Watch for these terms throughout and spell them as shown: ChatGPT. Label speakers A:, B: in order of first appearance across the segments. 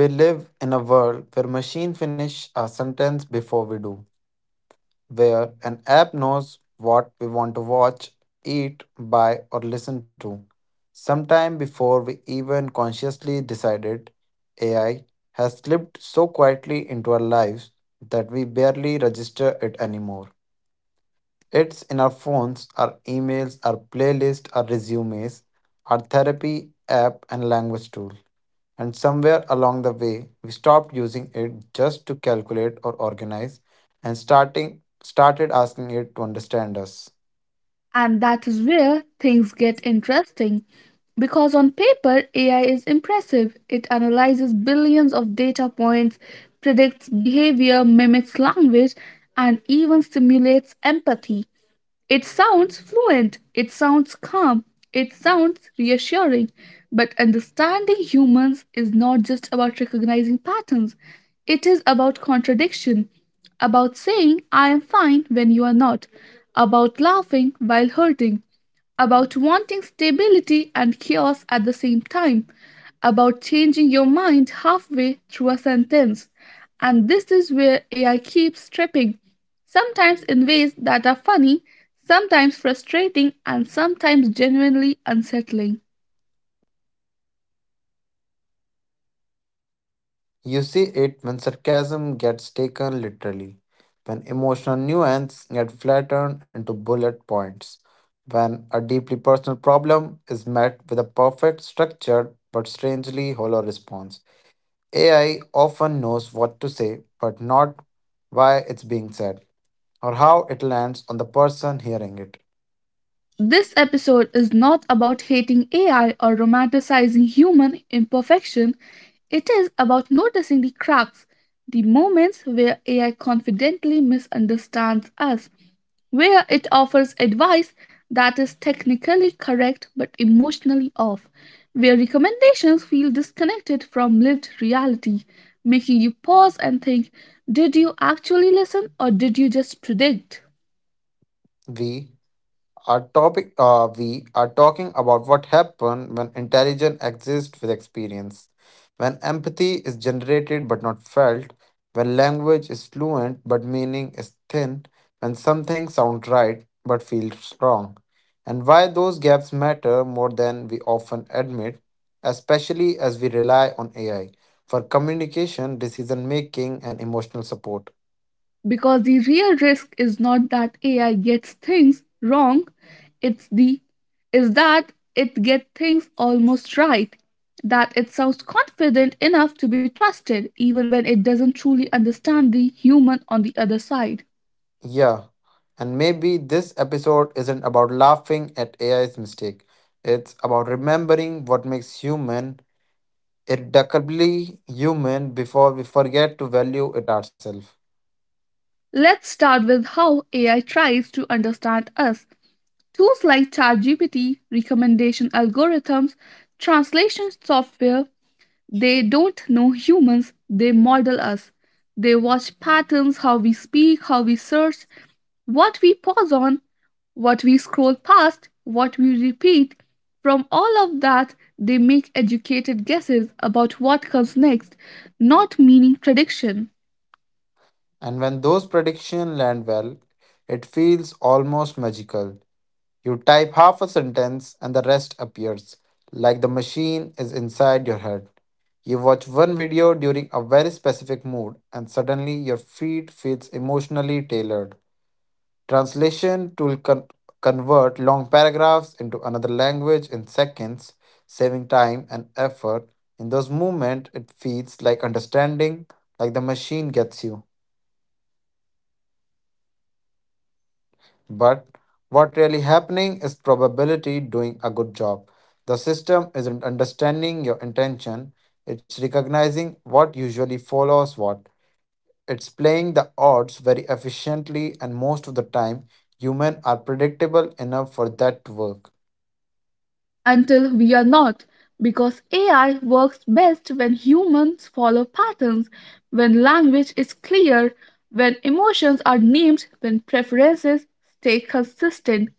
A: We live in a world where machine finish a sentence before we do, where an app knows what we want to watch, eat, buy, or listen to. Sometime before we even consciously decided, AI has slipped so quietly into our lives that we barely register it anymore. It's in our phones, our emails, our playlist, our resumes, our therapy app, and language tool. And somewhere along the way, we stopped using it just to calculate or organize and starting started asking it to understand us.
B: And that is where things get interesting. Because on paper, AI is impressive. It analyzes billions of data points, predicts behavior, mimics language, and even simulates empathy. It sounds fluent, it sounds calm, it sounds reassuring, but understanding humans is not just about recognizing patterns, it is about contradiction, about saying, I am fine when you are not, about laughing while hurting, about wanting stability and chaos at the same time, about changing your mind halfway through a sentence. And this is where AI keeps tripping sometimes in ways that are funny, sometimes frustrating, and sometimes genuinely unsettling.
A: You see it when sarcasm gets taken literally, when emotional nuance gets flattened into bullet points, when a deeply personal problem is met with a perfect, structured, but strangely hollow response. AI often knows what to say, but not why it's being said or how it lands on the person hearing it.
B: This episode is not about hating AI or romanticizing human imperfection. It is about noticing the cracks, the moments where AI confidently misunderstands us, where it offers advice that is technically correct but emotionally off, where recommendations feel disconnected from lived reality, making you pause and think, did you actually listen or did you just predict?
A: We Our topic, we are talking about what happens when intelligence exists with experience, when empathy is generated but not felt, when language is fluent but meaning is thin, when something sounds right but feels wrong, and why those gaps matter more than we often admit, especially as we rely on AI for communication, decision making, and emotional support.
B: Because the real risk is not that AI gets things wrong, it's the is that it gets things almost right. That it sounds confident enough to be trusted even when it doesn't truly understand the human on the other side.
A: Yeah, and maybe this episode isn't about laughing at AI's mistake. It's about remembering what makes human irreducibly human before we forget to value it ourselves.
B: Let's start with how AI tries to understand us. Tools like ChatGPT, recommendation algorithms, translation software, they don't know humans, they model us. They watch patterns, how we speak, how we search, what we pause on, what we scroll past, what we repeat. From all of that, they make educated guesses about what comes next, not meaning prediction.
A: And when those predictions land well, it feels almost magical. You type half a sentence and the rest appears, like the machine is inside your head. You watch one video during a very specific mood, and suddenly your feed feels emotionally tailored. Translation tool con- convert long paragraphs into another language in seconds, saving time and effort. In those moments, it feels like understanding, like the machine gets you. But what really happening is probability doing a good job. The system isn't understanding your intention, it's recognizing what usually follows what. It's playing the odds very efficiently, and most of the time, humans are predictable enough for that to work.
B: Until we are not, because AI works best when humans follow patterns, when language is clear, when emotions are named, when preferences stay consistent.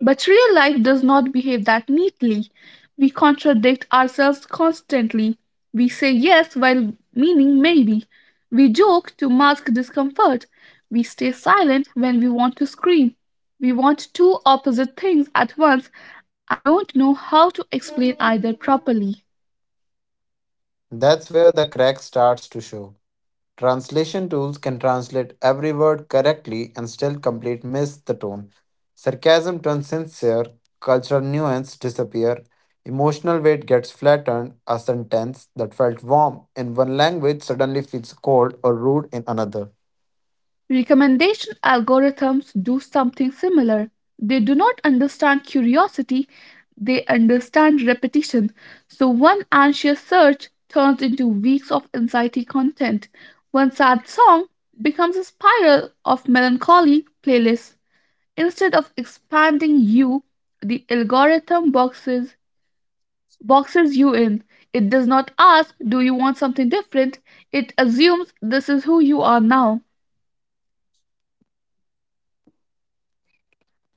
B: But real life does not behave that neatly. We contradict ourselves constantly. We say yes while meaning maybe. We joke to mask discomfort. We stay silent when we want to scream. We want two opposite things at once and don't know how to explain either properly.
A: That's where the crack starts to show. Translation tools can translate every word correctly and still complete miss the tone. Sarcasm turns sincere, cultural nuance disappear, emotional weight gets flattened, a sentence that felt warm in one language suddenly feels cold or rude in another.
B: Recommendation algorithms do something similar. They do not understand curiosity, they understand repetition. So one anxious search turns into weeks of anxiety content. One sad song becomes a spiral of melancholy playlists. Instead of expanding you, the algorithm boxes you in. It does not ask, do you want something different? It assumes this is who you are now.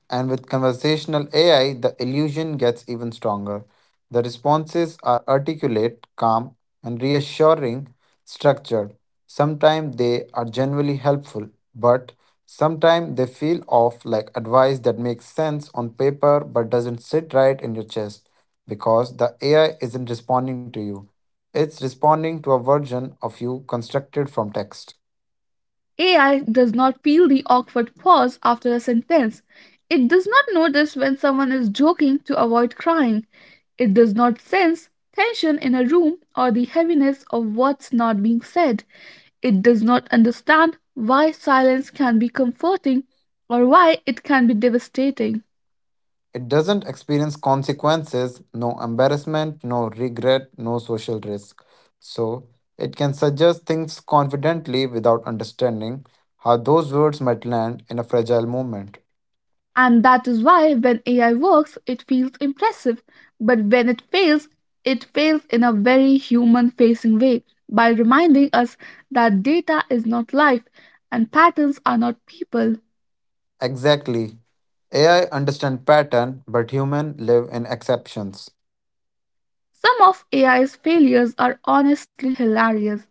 A: And with conversational AI, the illusion gets even stronger. The responses are articulate, calm, and reassuring, structured. Sometimes they are genuinely helpful, but sometimes they feel off like advice that makes sense on paper but doesn't sit right in your chest because the AI isn't responding to you. It's responding to a version of you constructed from text.
B: AI does not feel the awkward pause after a sentence. It does not notice when someone is joking to avoid crying. It does not sense tension in a room or the heaviness of what's not being said. It does not understand why silence can be comforting or why it can be devastating.
A: It doesn't experience consequences, no embarrassment, no regret, no social risk. So, it can suggest things confidently without understanding how those words might land in a fragile moment.
B: And that is why when AI works, it feels impressive. But when it fails in a very human facing way by reminding us that data is not life and patterns are not people.
A: Exactly. AI understand pattern, but human live in exceptions.
B: Some of AI's failures are honestly hilarious.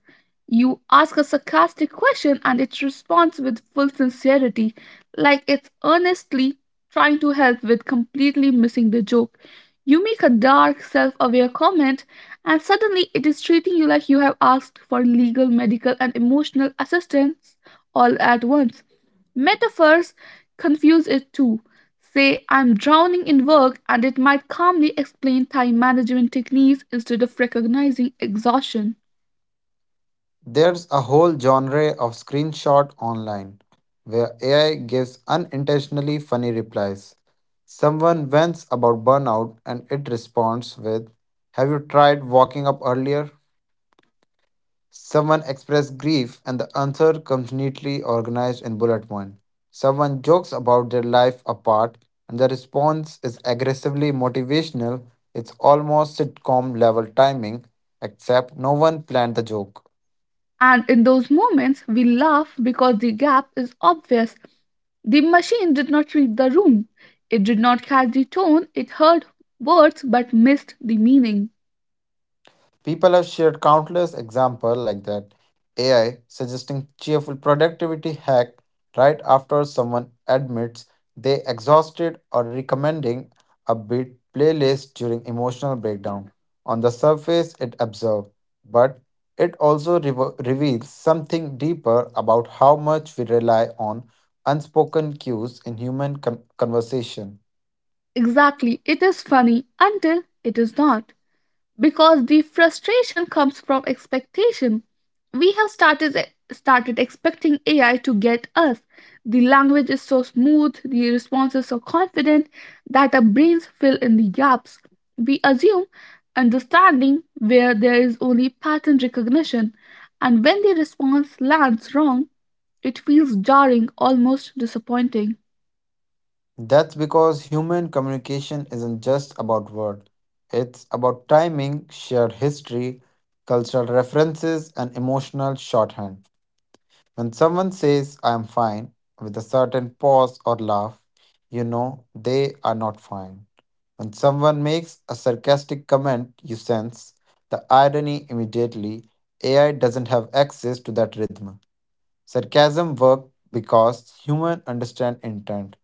B: You ask a sarcastic question and it responds with full sincerity, like it's earnestly trying to help with completely missing the joke. You make a dark, self aware comment, and suddenly it is treating you like you have asked for legal, medical, and emotional assistance all at once. Metaphors confuse it too. Say, I'm drowning in work, and it might calmly explain time management techniques instead of recognizing exhaustion.
A: There's a whole genre of screenshot online where AI gives unintentionally funny replies. Someone vents about burnout and it responds with, have you tried walking up earlier? Someone expressed grief and the answer comes neatly organized in bullet point. Someone jokes about their life apart and the response is aggressively motivational. It's almost sitcom level timing, except no one planned the joke.
B: And in those moments, we laugh because the gap is obvious. The machine did not read the room, it did not catch the tone, it heard words but missed the meaning.
A: People have shared countless examples like that. AI suggesting cheerful productivity hack right after someone admits they exhausted or recommending a beat playlist during emotional breakdown. On the surface, it observes, but it also reveals something deeper about how much we rely on unspoken cues in human conversation.
B: Exactly, it is funny until it is not, because the frustration comes from expectation. We have started expecting AI to get us. The language is so smooth, the responses so confident that our brains fill in the gaps. We assume understanding where there is only pattern recognition, and when the response lands wrong, it feels jarring, almost disappointing.
A: That's because human communication isn't just about words, it's about timing, shared history, cultural references, and emotional shorthand. When someone says, I am fine, with a certain pause or laugh, you know they are not fine. When someone makes a sarcastic comment, you sense the irony immediately. AI doesn't have access to that rhythm. Sarcasm worked because humans understand intent,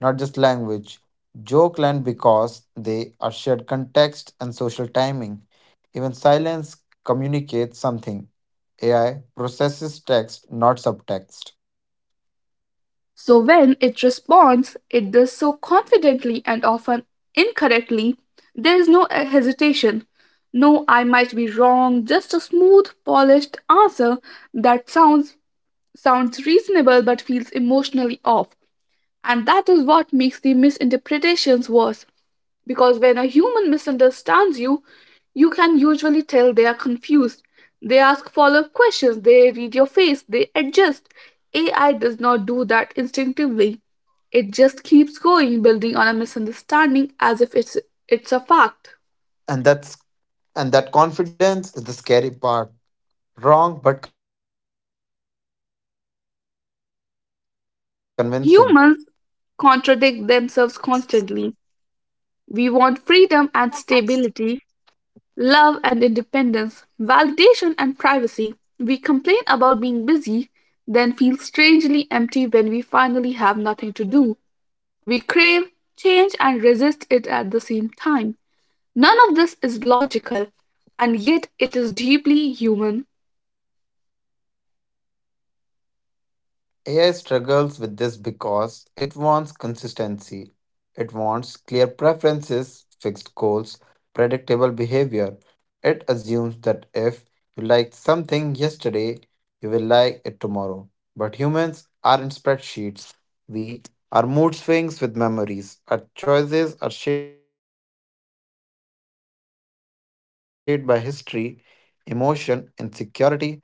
A: not just language. Joke land because they are shared context and social timing. Even silence communicates something. AI processes text, not subtext.
B: So when it responds, it does so confidently and often incorrectly. There is no hesitation. No, I might be wrong, just a smooth, polished answer that sounds reasonable but feels emotionally off. And that is what makes the misinterpretations worse. Because when a human misunderstands you, you can usually tell they are confused. They ask follow up questions, they read your face, they adjust. AI does not do that instinctively. It just keeps going, building on a misunderstanding as if it's a fact.
A: And that's and that confidence is the scary part. Wrong but convincing.
B: Humans contradict themselves constantly. We want freedom and stability, love and independence, validation and privacy. We complain about being busy, then feel strangely empty when we finally have nothing to do. We crave change and resist it at the same time. None of this is logical, and yet it is deeply human.
A: AI struggles with this because it wants consistency. It wants clear preferences, fixed goals, predictable behavior. It assumes that if you liked something yesterday, you will like it tomorrow. But humans aren't spreadsheets. We are mood swings with memories. Our choices are shaped by history, emotion, insecurity, nostalgia, and something pure impulse.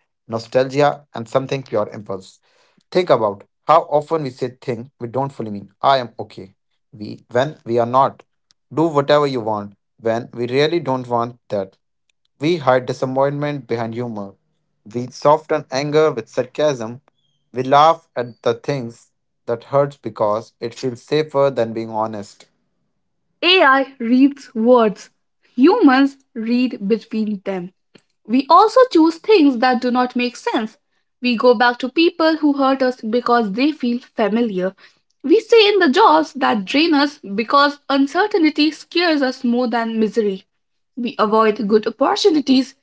A: Think about how often we say things we don't fully mean. I am okay. We when we are not. Do whatever you want when we really don't want that. We hide disappointment behind humor. We soften anger with sarcasm. We laugh at the things that hurts because it feels safer than being honest.
B: AI reads words, humans read between them. We also choose things that do not make sense. We go back to people who hurt us because they feel familiar. We stay in the jobs that drain us because uncertainty scares us more than misery. We avoid good opportunities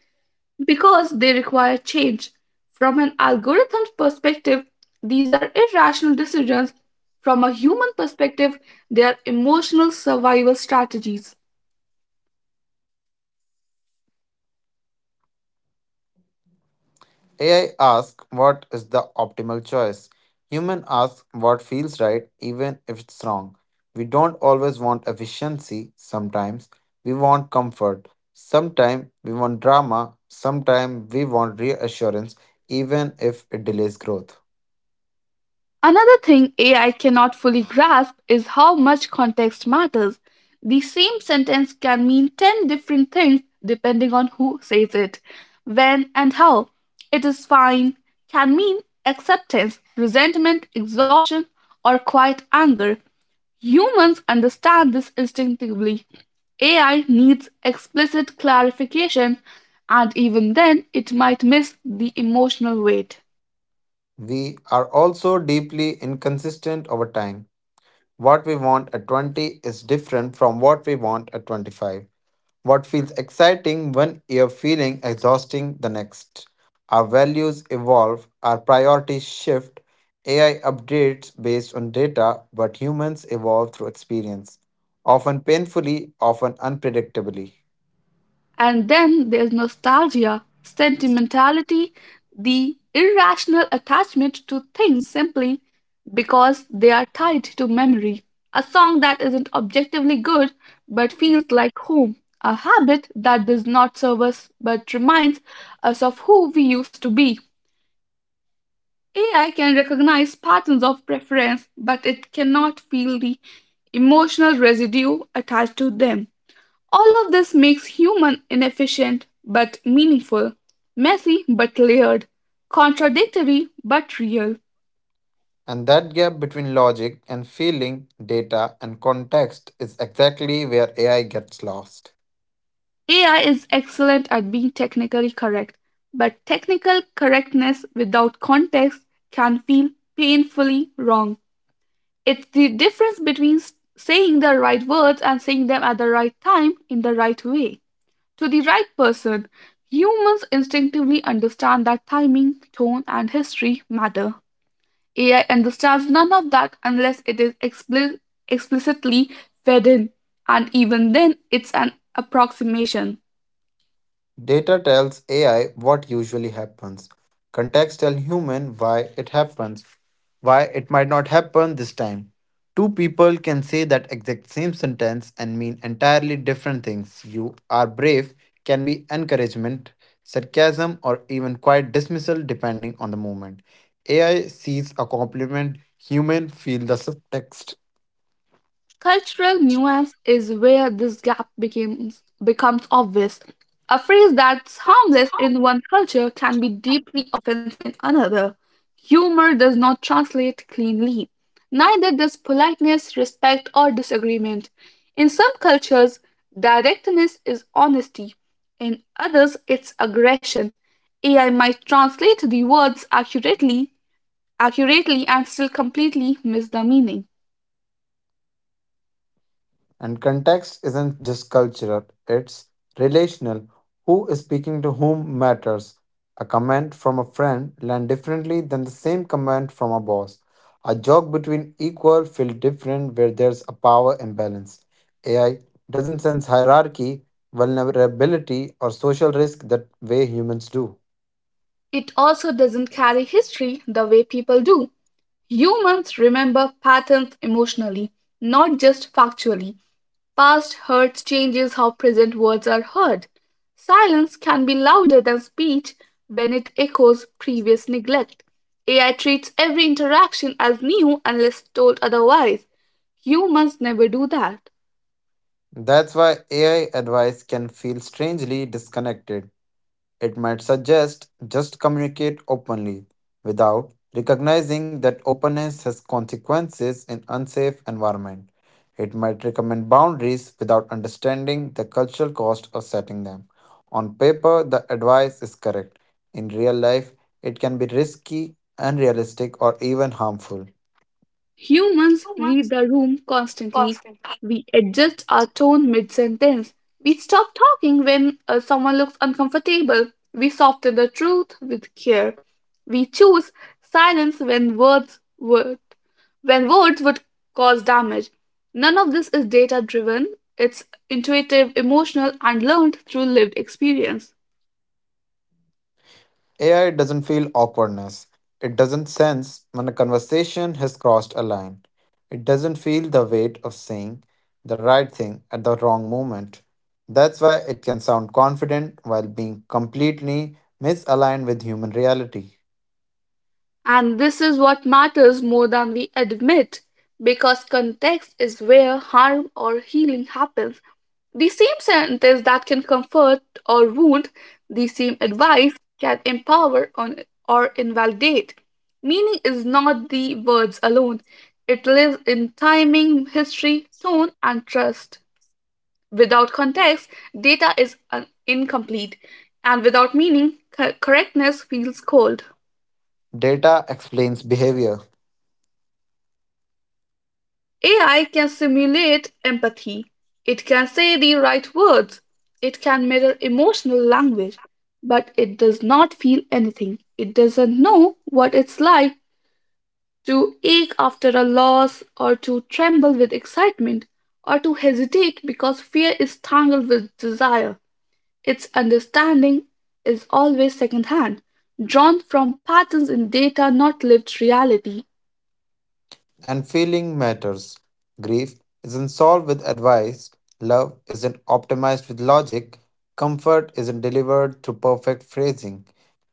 B: because they require change. From an algorithm's perspective, these are irrational decisions. From a human perspective, they are emotional survival strategies.
A: AI asks what is the optimal choice. Human asks what feels right, even if it's wrong. We don't always want efficiency, sometimes we want comfort, sometimes we want drama, sometimes we want reassurance, even if it delays growth.
B: Another thing AI cannot fully grasp is how much context matters. The same sentence can mean 10 different things depending on who says it, when, and how. It is fine can mean acceptance, resentment, exhaustion, or quiet anger. Humans understand this instinctively. AI needs explicit clarification, and even then, it might miss the emotional weight.
A: We are also deeply inconsistent over time. What we want at 20 is different from what we want at 25. What feels exciting one year feeling exhausting the next. Our values evolve, our priorities shift, AI updates based on data, but humans evolve through experience, often painfully, often unpredictably.
B: And then there's nostalgia, sentimentality, the irrational attachment to things simply because they are tied to memory. A song that isn't objectively good but feels like home. A habit that does not serve us but reminds us of who we used to be. AI can recognize patterns of preference, but it cannot feel the emotional residue attached to them. All of this makes human inefficient but meaningful, messy but layered, contradictory but real.
A: And that gap between logic and feeling, data and context is exactly where AI gets lost.
B: AI is excellent at being technically correct, but technical correctness without context can feel painfully wrong. It's the difference between saying the right words and saying them at the right time in the right way. To the right person, humans instinctively understand that timing, tone, and history matter. AI understands none of that unless it is explicitly fed in, and even then, it's an approximation.
A: Data tells AI what usually happens. Context tells human why it happens, why it might not happen this time. Two people can say that exact same sentence and mean entirely different things. You are brave can be encouragement, sarcasm, or even quiet dismissal depending on the moment. AI sees a compliment, human feel the subtext.
B: Cultural nuance is where this gap becomes obvious. A phrase that's harmless in one culture can be deeply offensive in another. Humor does not translate cleanly. Neither does politeness, respect, or disagreement. In some cultures, directness is honesty. In others, it's aggression. AI might translate the words accurately and still completely miss the meaning.
A: And context isn't just cultural, it's relational. Who is speaking to whom matters. A comment from a friend lands differently than the same comment from a boss. A joke between equal feels different where there's a power imbalance. AI doesn't sense hierarchy, vulnerability, or social risk that way humans do.
B: It also doesn't carry history the way people do. Humans remember patterns emotionally, not just factually. Past hurts changes how present words are heard. Silence can be louder than speech when it echoes previous neglect. AI treats every interaction as new unless told otherwise. Humans never do that.
A: That's why AI advice can feel strangely disconnected. It might suggest just communicate openly without recognizing that openness has consequences in unsafe environment. It might recommend boundaries without understanding the cultural cost of setting them. On paper, the advice is correct. In real life, it can be risky, unrealistic, or even harmful.
B: Humans read the room constantly. We adjust our tone mid sentence. We stop talking when someone looks uncomfortable. We soften the truth with care. We choose silence when words would cause damage. None of this is data driven. It's intuitive, emotional, and learned through lived experience.
A: AI doesn't feel awkwardness. It doesn't sense when a conversation has crossed a line. It doesn't feel the weight of saying the right thing at the wrong moment. That's why it can sound confident while being completely misaligned with human reality.
B: And this is what matters more than we admit, because context is where harm or healing happens. The same sentence that can comfort or wound, the same advice can empower on, or invalidate. Meaning is not the words alone, it lives in timing, history, tone, and trust. Without context, data is incomplete, and without meaning, correctness feels cold.
A: Data explains behavior.
B: AI can simulate empathy. It can say the right words. It can mirror emotional language, but it does not feel anything. It doesn't know what it's like to ache after a loss, or to tremble with excitement, or to hesitate because fear is tangled with desire. Its understanding is always secondhand, drawn from patterns in data, not lived reality.
A: And feeling matters. Grief isn't solved with advice, love isn't optimized with logic, comfort isn't delivered through perfect phrasing.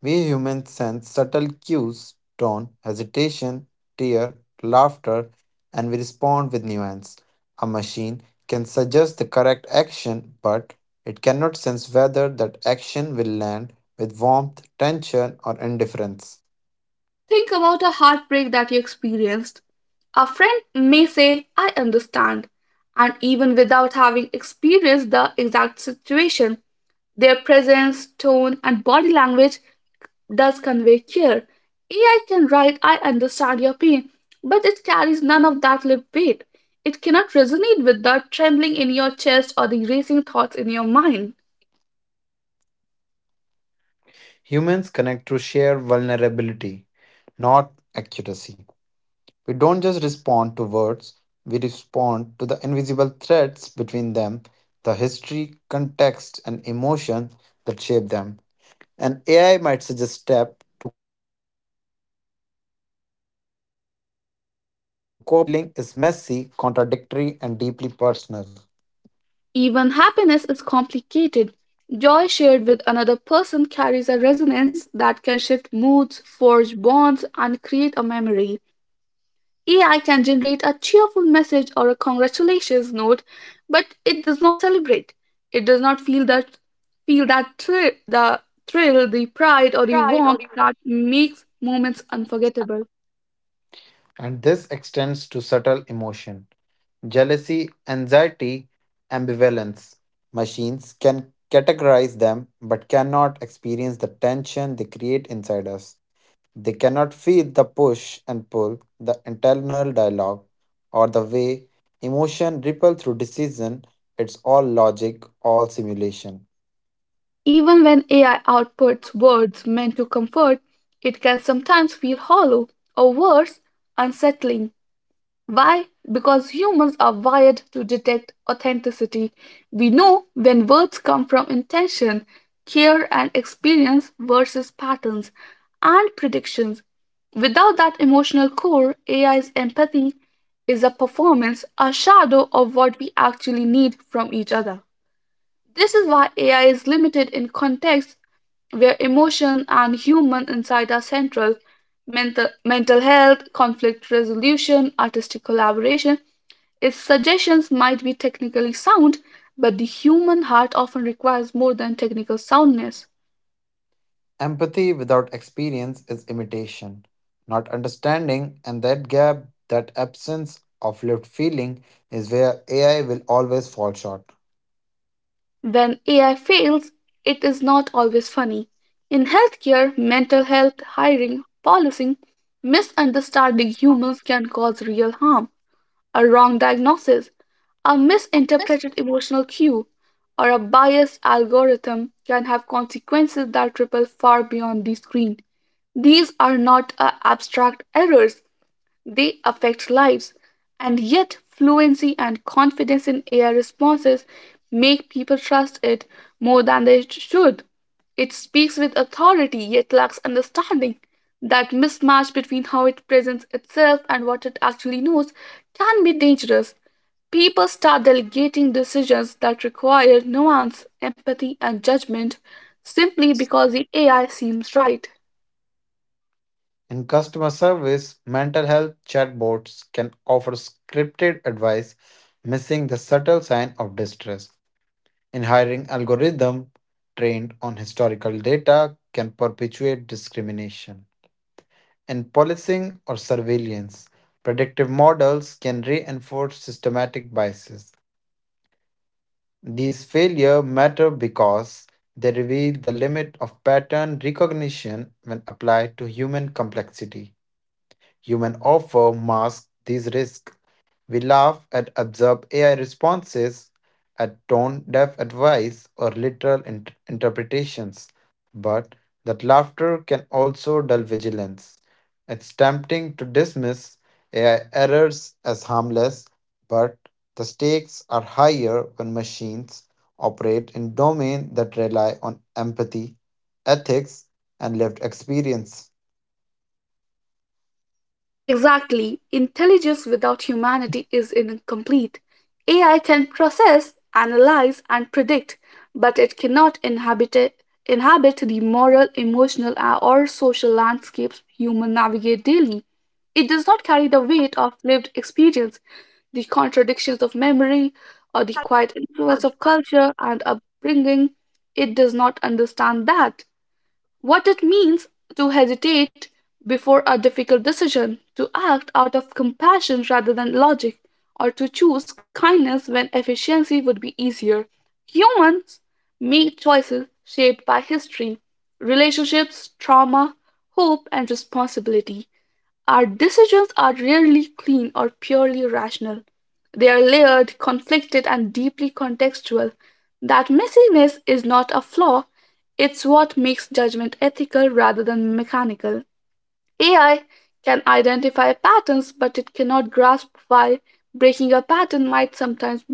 A: We humans sense subtle cues, tone, hesitation, tear, laughter, and we respond with nuance. A machine can suggest the correct action, but it cannot sense whether that action will land with warmth, tension, or indifference.
B: Think about a heartbreak that you experienced. A friend may say, I understand, and even without having experienced the exact situation, their presence, tone, and body language does convey care. AI can write, I understand your pain, but it carries none of that lived weight. It cannot resonate with the trembling in your chest or the racing thoughts in your mind.
A: Humans connect through sheer vulnerability, not accuracy. We don't just respond to words, we respond to the invisible threads between them, the history, context, and emotion that shape them. And AI might suggest step to cope up or moved on. But coping isn't formula. Healing is messy, contradictory, and deeply personal.
B: Even happiness is complicated. Joy shared with another person carries a resonance that can shift moods, forge bonds, and create a memory. AI can generate a cheerful message or a congratulations note, but it does not celebrate. It does not feel that thrill, the pride, or the warmth that makes moments unforgettable.
A: And this extends to subtle emotion: jealousy, anxiety, ambivalence. Machines can categorize them but cannot experience the tension they create inside us. They cannot feel the push and pull, the internal dialogue, or the way emotion ripple through decision. It's all logic, all simulation.
B: Even when AI outputs words meant to comfort, it can sometimes feel hollow or worse, unsettling. Why? Because humans are wired to detect authenticity. We know when words come from intention, care, and experience versus patterns and predictions. Without that emotional core, AI's empathy is a performance, a shadow of what we actually need from each other. This is why AI is limited in contexts where emotion and human insight are central. Mental, mental health, conflict resolution, artistic collaboration. Its suggestions might be technically sound, but the human heart often requires more than technical soundness.
A: Empathy without experience is imitation, not understanding, and that gap, that absence of lived feeling, is where AI will always fall short.
B: When AI fails, it is not always funny. In healthcare, mental health, hiring, policing, misunderstanding humans can cause real harm. A wrong diagnosis, a misinterpreted emotional cue, or a biased algorithm can have consequences that ripple far beyond the screen. These are not abstract errors, they affect lives, and yet fluency and confidence in AI responses make people trust it more than they should. It speaks with authority yet lacks understanding. That mismatch between how it presents itself and what it actually knows can be dangerous. People start delegating decisions that require nuance, empathy, and judgment simply because the AI seems right.
A: In customer service, mental health chatbots can offer scripted advice, missing the subtle sign of distress. In hiring algorithm trained on historical data can perpetuate discrimination. In policing or surveillance, predictive models can reinforce systematic biases. These failures matter because they reveal the limit of pattern recognition when applied to human complexity. Human offer masks these risks. We laugh at absurd AI responses, at tone deaf advice, or literal interpretations. But that laughter can also dull vigilance. It's tempting to dismiss AI errors as harmless, but the stakes are higher when machines operate in domains that rely on empathy, ethics, and lived experience.
B: Exactly. Intelligence without humanity is incomplete. AI can process, analyze, and predict, but it cannot inhabit the moral, emotional, or social landscapes humans navigate daily. It does not carry the weight of lived experience, the contradictions of memory, or the quiet influence of culture and upbringing. It does not understand that what it means to hesitate before a difficult decision, to act out of compassion rather than logic, or to choose kindness when efficiency would be easier. Humans make choices shaped by history, relationships, trauma, hope, and responsibility. Our decisions are rarely clean or purely rational. They are layered, conflicted, and deeply contextual. That messiness is not a flaw, it's what makes judgment ethical rather than mechanical. AI can identify patterns, but it cannot grasp why breaking a pattern might sometimes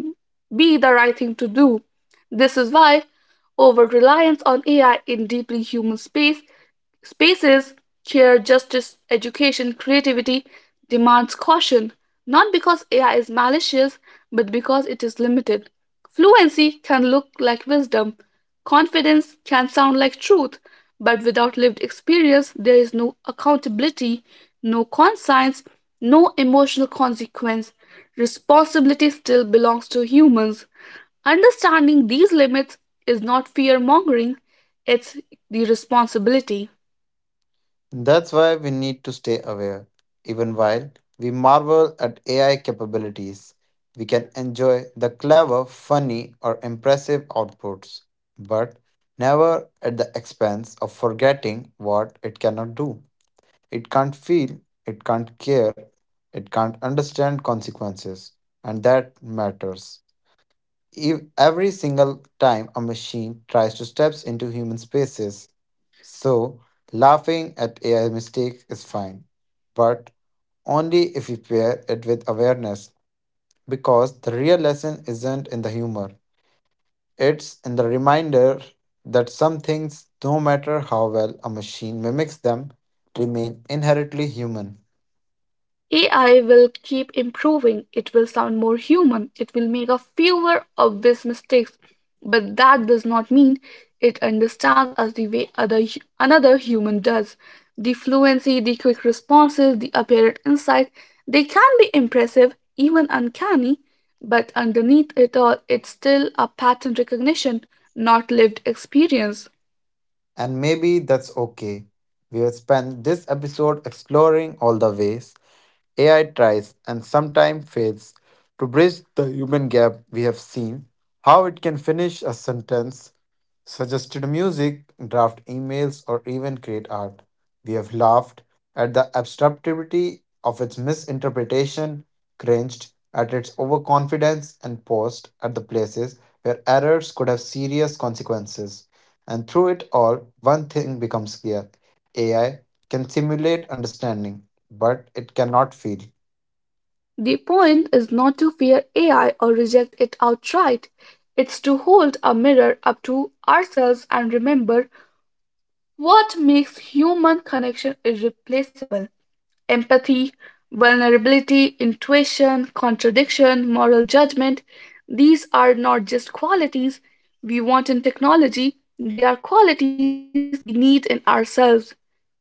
B: be the right thing to do. This is why over reliance on AI in deeply human Spaces, chair, justice, education, creativity demands caution, not because AI is malicious, but because it is limited. Fluency can look like wisdom, confidence can sound like truth, but without lived experience, there is no accountability, no conscience, no emotional consequence. Responsibility still belongs to humans. Understanding these limits is not fear mongering, it's the responsibility.
A: That's why we need to stay aware. Even while we marvel at AI capabilities, we can enjoy the clever, funny, or impressive outputs, but never at the expense of forgetting what it cannot do. It can't feel, it can't care, it can't understand consequences, and that matters. Every single time a machine tries to step into human spaces, so, laughing at AI mistake is fine, but only if we pair it with awareness, because the real lesson isn't in the humor. It's in the reminder that some things, no matter how well a machine mimics them, remain inherently human.
B: AI will keep improving, it will sound more human, it will make a fewer obvious mistakes, but that does not mean it understands us the way another human does. The fluency, the quick responses, the apparent insight, they can be impressive, even uncanny, but underneath it all, it's still a pattern recognition, not lived experience.
A: And maybe that's okay. We will spend this episode exploring all the ways AI tries and sometimes fails to bridge the human gap we have seen, how it can finish a sentence, suggested music, draft emails, or even create art. We have laughed at the absurdity of its misinterpretation, cringed at its overconfidence, and paused at the places where errors could have serious consequences. And through it all, one thing becomes clear: AI can simulate understanding, but it cannot feel.
B: The point is not to fear AI or reject it outright. It's to hold a mirror up to ourselves and remember what makes human connection irreplaceable empathy, vulnerability, intuition, contradiction, moral judgment. These are not just qualities we want in technology, they are qualities we need in ourselves.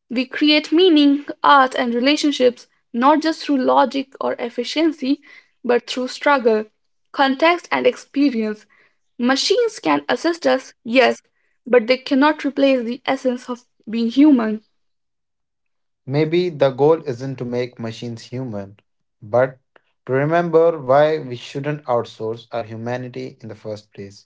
B: We create meaning, art, and relationships not just through logic or efficiency, but through struggle, context, and experience. Machines can assist us, yes, but they cannot replace the essence of being human.
A: Maybe the goal isn't to make machines human, but to remember why we shouldn't outsource our humanity in the first place.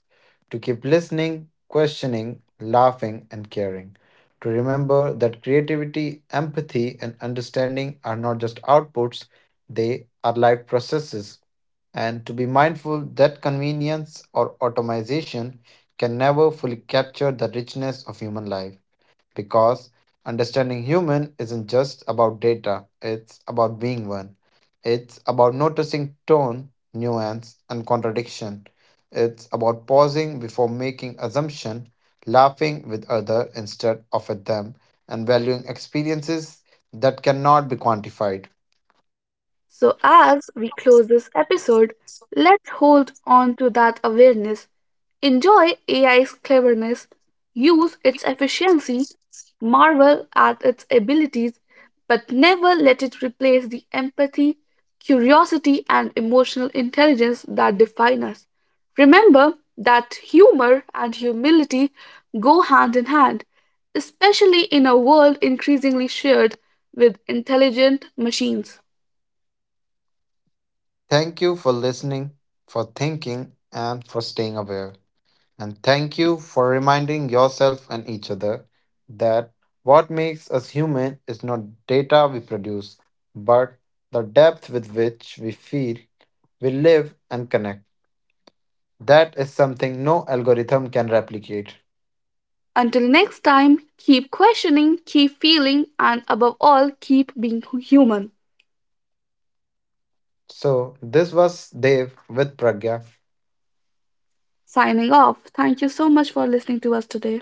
A: To keep listening, questioning, laughing, and caring. To remember that creativity, empathy, and understanding are not just outputs, they are life processes. And to be mindful that convenience or automation can never fully capture the richness of human life. Because understanding human isn't just about data, it's about being one. It's about noticing tone, nuance, and contradiction. It's about pausing before making assumption, laughing with other instead of at them, and valuing experiences that cannot be quantified.
B: So, as we close this episode, let's hold on to that awareness. Enjoy AI's cleverness, use its efficiency, marvel at its abilities, but never let it replace the empathy, curiosity, and emotional intelligence that define us. Remember that humor and humility go hand in hand, especially in a world increasingly shared with intelligent machines.
A: Thank you for listening, for thinking, and for staying aware. And thank you for reminding yourself and each other that what makes us human is not data we produce, but the depth with which we feel, we live, and connect. That is something no algorithm can replicate.
B: Until next time, keep questioning, keep feeling, and above all, keep being human.
A: So, this was Dev with Pragya.
B: Signing off. Thank you so much for listening to us today.